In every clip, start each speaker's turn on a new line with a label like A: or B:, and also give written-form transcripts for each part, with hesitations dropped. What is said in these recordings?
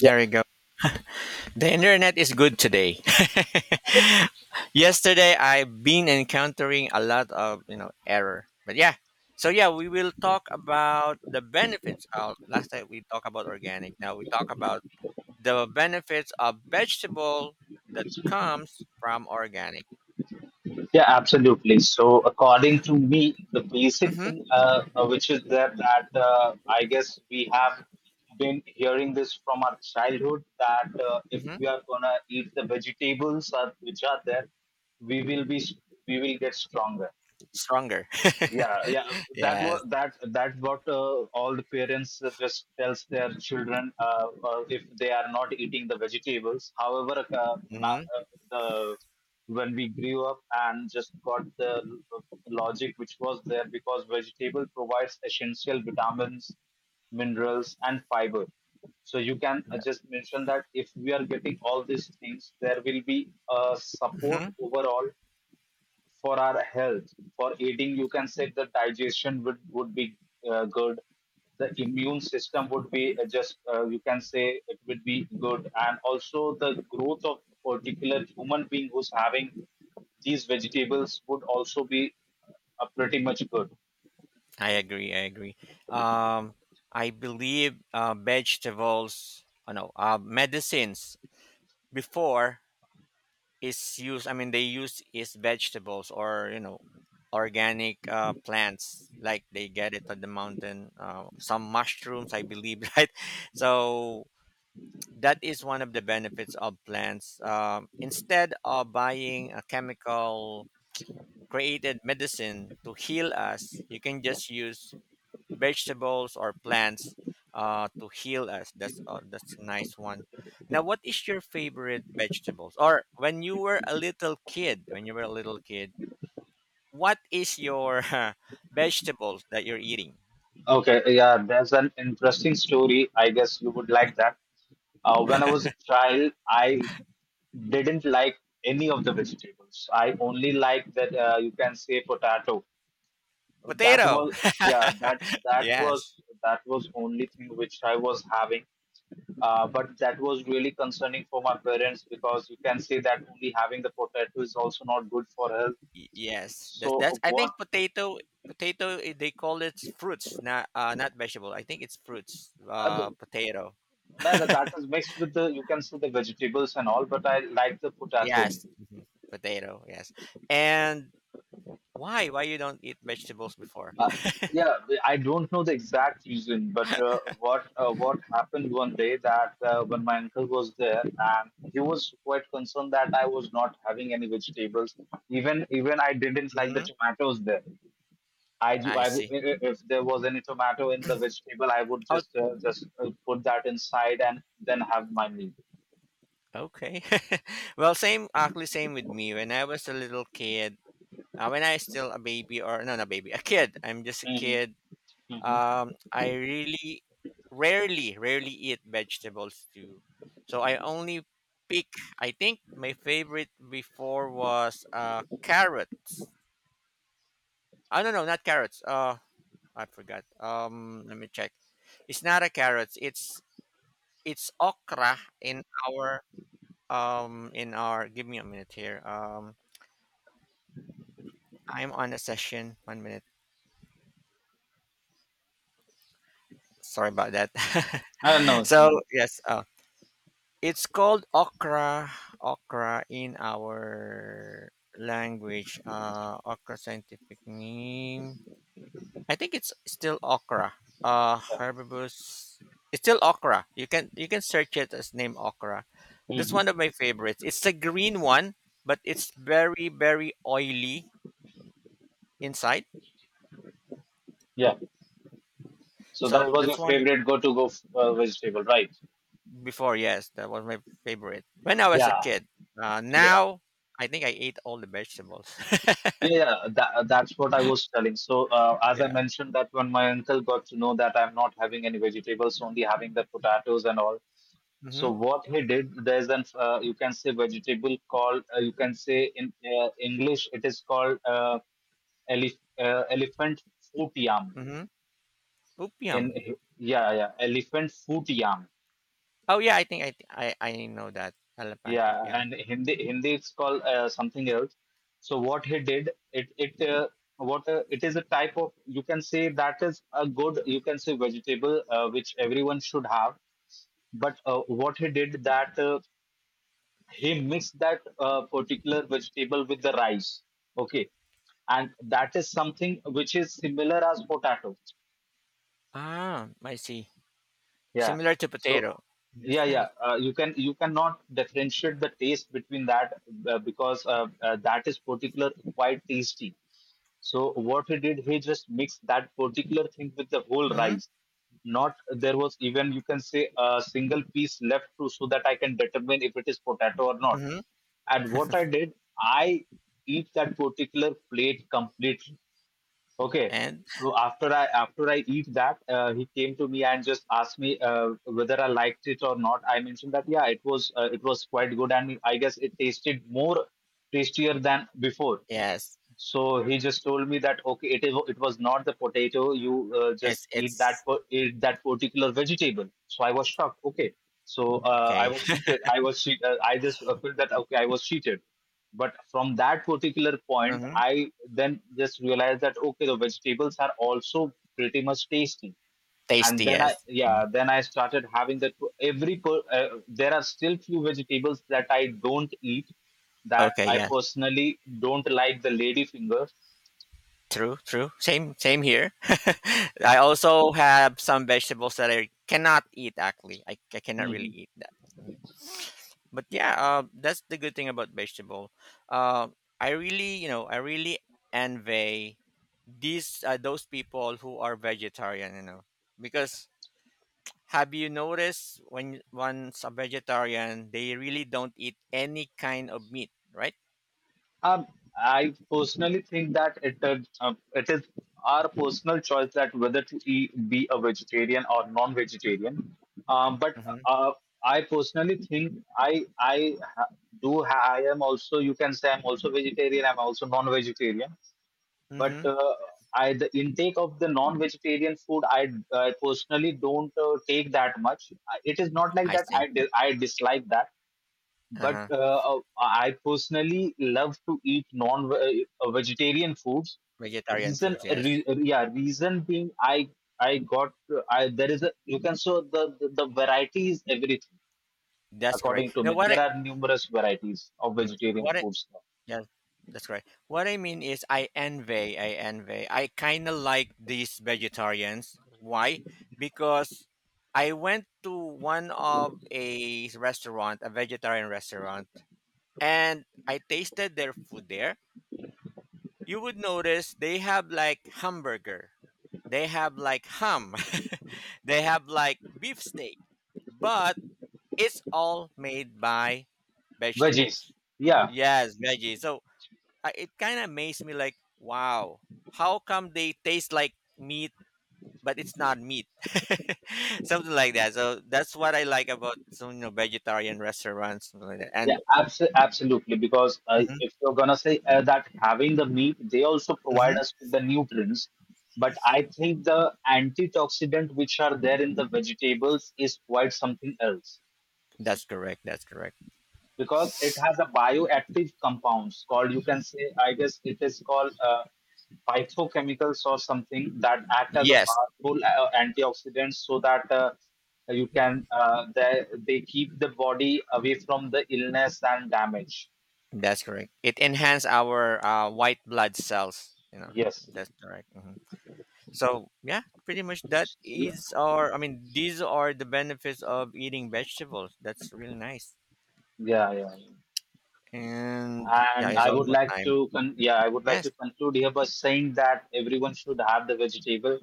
A: There we go. The internet is good today. Yesterday, I've been encountering a lot of error, but yeah. We will talk about the benefits. Of, last time we talked about organic. Now we talk about the benefits of vegetable that comes from organic.
B: Yeah, absolutely. So, according to me, the basic
A: Mm-hmm.
B: thing, which is there, that I guess we have been hearing this from our childhood that if
A: Mm-hmm.
B: we are gonna eat the vegetables which are there, we will be we will get stronger.
A: Stronger.
B: Yeah, yeah, that
A: Yes.
B: was that. That's what all the parents just tells their children if they are not eating the vegetables. However, now,
A: Mm-hmm.
B: uh, the when we grew up and just got the logic which was there because vegetable provides essential vitamins, minerals, and fiber. So you can just mention that if we are getting all these things, there will be a support
A: Mm-hmm.
B: overall for our health. For eating, you can say the digestion would be good. The immune system would be just you can say it would be good, and also the growth of particular human being who's having these vegetables would also be pretty much good.
A: I agree. I agree. Um, I believe vegetables, oh no, medicines before is used, I mean they use is vegetables or organic plants, like they get it at the mountain, some mushrooms I believe, right? So that is one of the benefits of plants. Instead of buying a chemical created medicine to heal us, you can just use vegetables or plants to heal us. That's a nice one. Now, what is your favorite vegetables? Or when you were a little kid, when you were a little kid, what is your vegetables that you're eating?
B: Okay, yeah, there's an interesting story. I guess you would like that. When I was a child, I didn't like any of the vegetables. I only liked that you can say potato. That
A: Potato.
B: was yeah, that
A: Yes.
B: was only thing which I was having. But that was really concerning for my parents because you can say that only having the potato is also not good for health.
A: Yes. That's.
B: So
A: I
B: what?
A: think potato. Potato. They call it fruits, not not vegetable. I think it's fruits. Potato.
B: That is mixed with the, you can see the vegetables and all, but I like the potato.
A: Yes. Mhm. Potato. Yes. And why? Why you don't eat vegetables before?
B: Uh, yeah, I don't know the exact reason, but what happened one day that when my uncle was there and he was quite concerned that I was not having any vegetables. Even I didn't like the
A: Hmm.
B: tomatoes there. I, ju-
A: I
B: I w-
A: see.
B: I- If there was any tomato in the vegetable, I would
A: Oh,
B: just put that inside and then have my meal.
A: okay. Well, same, actually, same with me. When I was a little kid, when I still a baby, or no, not a baby, a kid. I'm just a
B: hmm
A: kid.
B: hmm
A: I really rarely eat vegetables too. So I only pick. I think my favorite before was carrots. I don't know, not carrots. I forgot. Let me check. It's not a carrots. It's okra in our um, in our, give me a minute here. Um, I'm on a session, 1 minute, sorry about that.
B: I don't know.
A: So yes, uh, it's called okra. Okra in our language. Uh, okra scientific name, I think it's still okra. Uh, herbivores. It's still okra. You can search it as name okra. That's one of my favorites. It's a green one, but it's very, very oily inside.
B: Yeah. So that
A: So
B: was your
A: that's one.
B: favorite go-to go vegetable, right?
A: Before, yes, that was my favorite when I was a
B: Yeah,
A: kid.
B: yeah,
A: Now, I think I ate all the vegetables.
B: yeah. That's what I was telling. So, as I
A: Yeah.
B: mentioned, that when my uncle got to know that I'm not having any vegetables, only having the potatoes and all.
A: Mm-hmm.
B: So what he did, there's an you can say vegetable called you can say in English it is called elef elephant foot yam.
A: Mm-hmm.
B: In
A: Upiam.
B: Yeah, yeah, elephant foot yam.
A: Oh yeah, I think I th- I know that elephant
B: Yeah,
A: upiam.
B: and Hindi it's called something else. So what he did, it is a type of you can say that is a good you can say vegetable which everyone should have. But what he did that he mixed that particular vegetable with the rice. Okay, and that is something which is similar as potato.
A: Ah, I see.
B: Yeah.
A: Similar to
B: So,
A: potato.
B: yeah,
A: That's
B: yeah.
A: nice.
B: You can you cannot differentiate the taste between that because that is particular quite tasty. So what he did, he just mixed that particular thing with the whole
A: Mm-hmm.
B: rice. Not there was even you can say a single piece left to so that I can determine if it is potato or not.
A: Mm-hmm.
B: And what I did, I eat that particular plate completely. Okay.
A: And
B: So after I eat that, he came to me and just asked me whether I liked it or not. I mentioned that yeah, it was quite good, and I guess it tasted more tastier than before.
A: yes,
B: So he just told me that okay, it was not the potato. You just
A: it's
B: eat
A: it's
B: that per- eat that particular vegetable. So I was shocked. Okay, so I
A: okay.
B: was cheated. I was cheat. I just felt that okay, I was cheated. But from that particular point,
A: Mm-hmm.
B: I then just realized that okay, the vegetables are also pretty much tasty, and
A: Tasty.
B: then I
A: Yes.
B: yeah
A: Mhm.
B: then I started having that for every there are still few vegetables that I don't eat, that
A: Okay.
B: I
A: Yeah.
B: personally don't like, the lady finger.
A: True, true. Same, same here. I also have some vegetables that I cannot eat. Actually, I cannot really
B: hmm
A: eat that. Mm. But yeah, that's the good thing about vegetable. Uh, I really, I really envy these those people who are vegetarian. Because have you noticed, when once a vegetarian, they really don't eat any kind of meat, right?
B: um, I personally think that uh, it is our personal choice that whether to eat, be a vegetarian or non-vegetarian, but
A: Mm-hmm.
B: uh, I personally think I ha- do ha- I am also you can say I'm also vegetarian, I'm also non-vegetarian, but
A: Mm-hmm.
B: I, the intake of the non-vegetarian food, I personally don't take that much. It is not like
A: I
B: that
A: see.
B: I dislike that,
A: Uh
B: but
A: huh.
B: I personally love to eat non-vegetarian foods.
A: Vegetarian foods, yes.
B: Yeah, reason being I got I there is a you can so the variety is everything
A: That's correct.
B: according to
A: You know
B: me.
A: what?
B: There are numerous varieties of
A: Mm.
B: vegetarian
A: What I
B: foods now.
A: yeah, that's right. What I mean is I envy, I envy. I kind of like these vegetarians. Why? Because I went to one of a restaurant, a vegetarian restaurant, and I tasted their food there. You would notice they have like hamburger. They have like ham. They have like beefsteak. But it's all made by
B: Veggies,
A: vegetables.
B: yeah.
A: Yes, veggies. So I, it kind of amazed me like, wow, how come they taste like meat, but it's not meat? Something like that. So that's what I like about some, vegetarian restaurants, something like that. And
B: Absolutely. Because
A: hmm,
B: if you're gonna say that having the meat, they also provide
A: hmm,
B: us with the nutrients. But I think the antioxidant which are there in the vegetables is quite something else
A: that's correct, that's correct.
B: because it has a bioactive compounds called you can say I guess it is called phytochemicals or something that act as a
A: Yes.
B: powerful antioxidants, so that you can they keep the body away from the illness and damage.
A: That's correct. It enhance our white blood cells, you know?
B: Yes.
A: That's correct. Hmm. So yeah, pretty much that
B: Yeah,
A: is our, I mean, these are the benefits of eating vegetables. That's really nice.
B: yeah, yeah.
A: And yeah,
B: And
A: it's
B: I would
A: almost
B: like
A: time.
B: to con yeah, I would like to
A: Yes.
B: conclude here by saying that everyone should have the vegetable.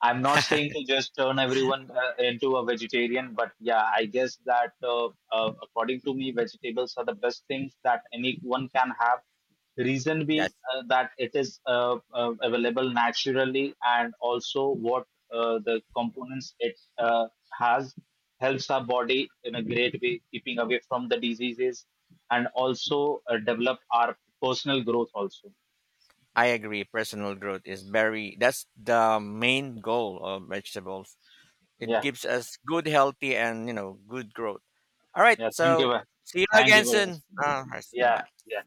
B: I'm not saying to just turn everyone into a vegetarian, but yeah, I guess that according to me, vegetables are the best things that anyone can have. Reason being
A: That's,
B: that it is available naturally, and also what the components it has helps our body in a great way, keeping away from the diseases, and also develop our personal growth also.
A: I agree. Personal growth is very, that's the main goal of vegetables. It
B: Yeah,
A: gives us good, healthy, and you know, good growth. All right,
B: yeah. Thank you.
A: so
B: Very-
A: see you
B: Thank you
A: again
B: very much.
A: soon. Bye
B: Yeah,
A: bye.
B: yeah.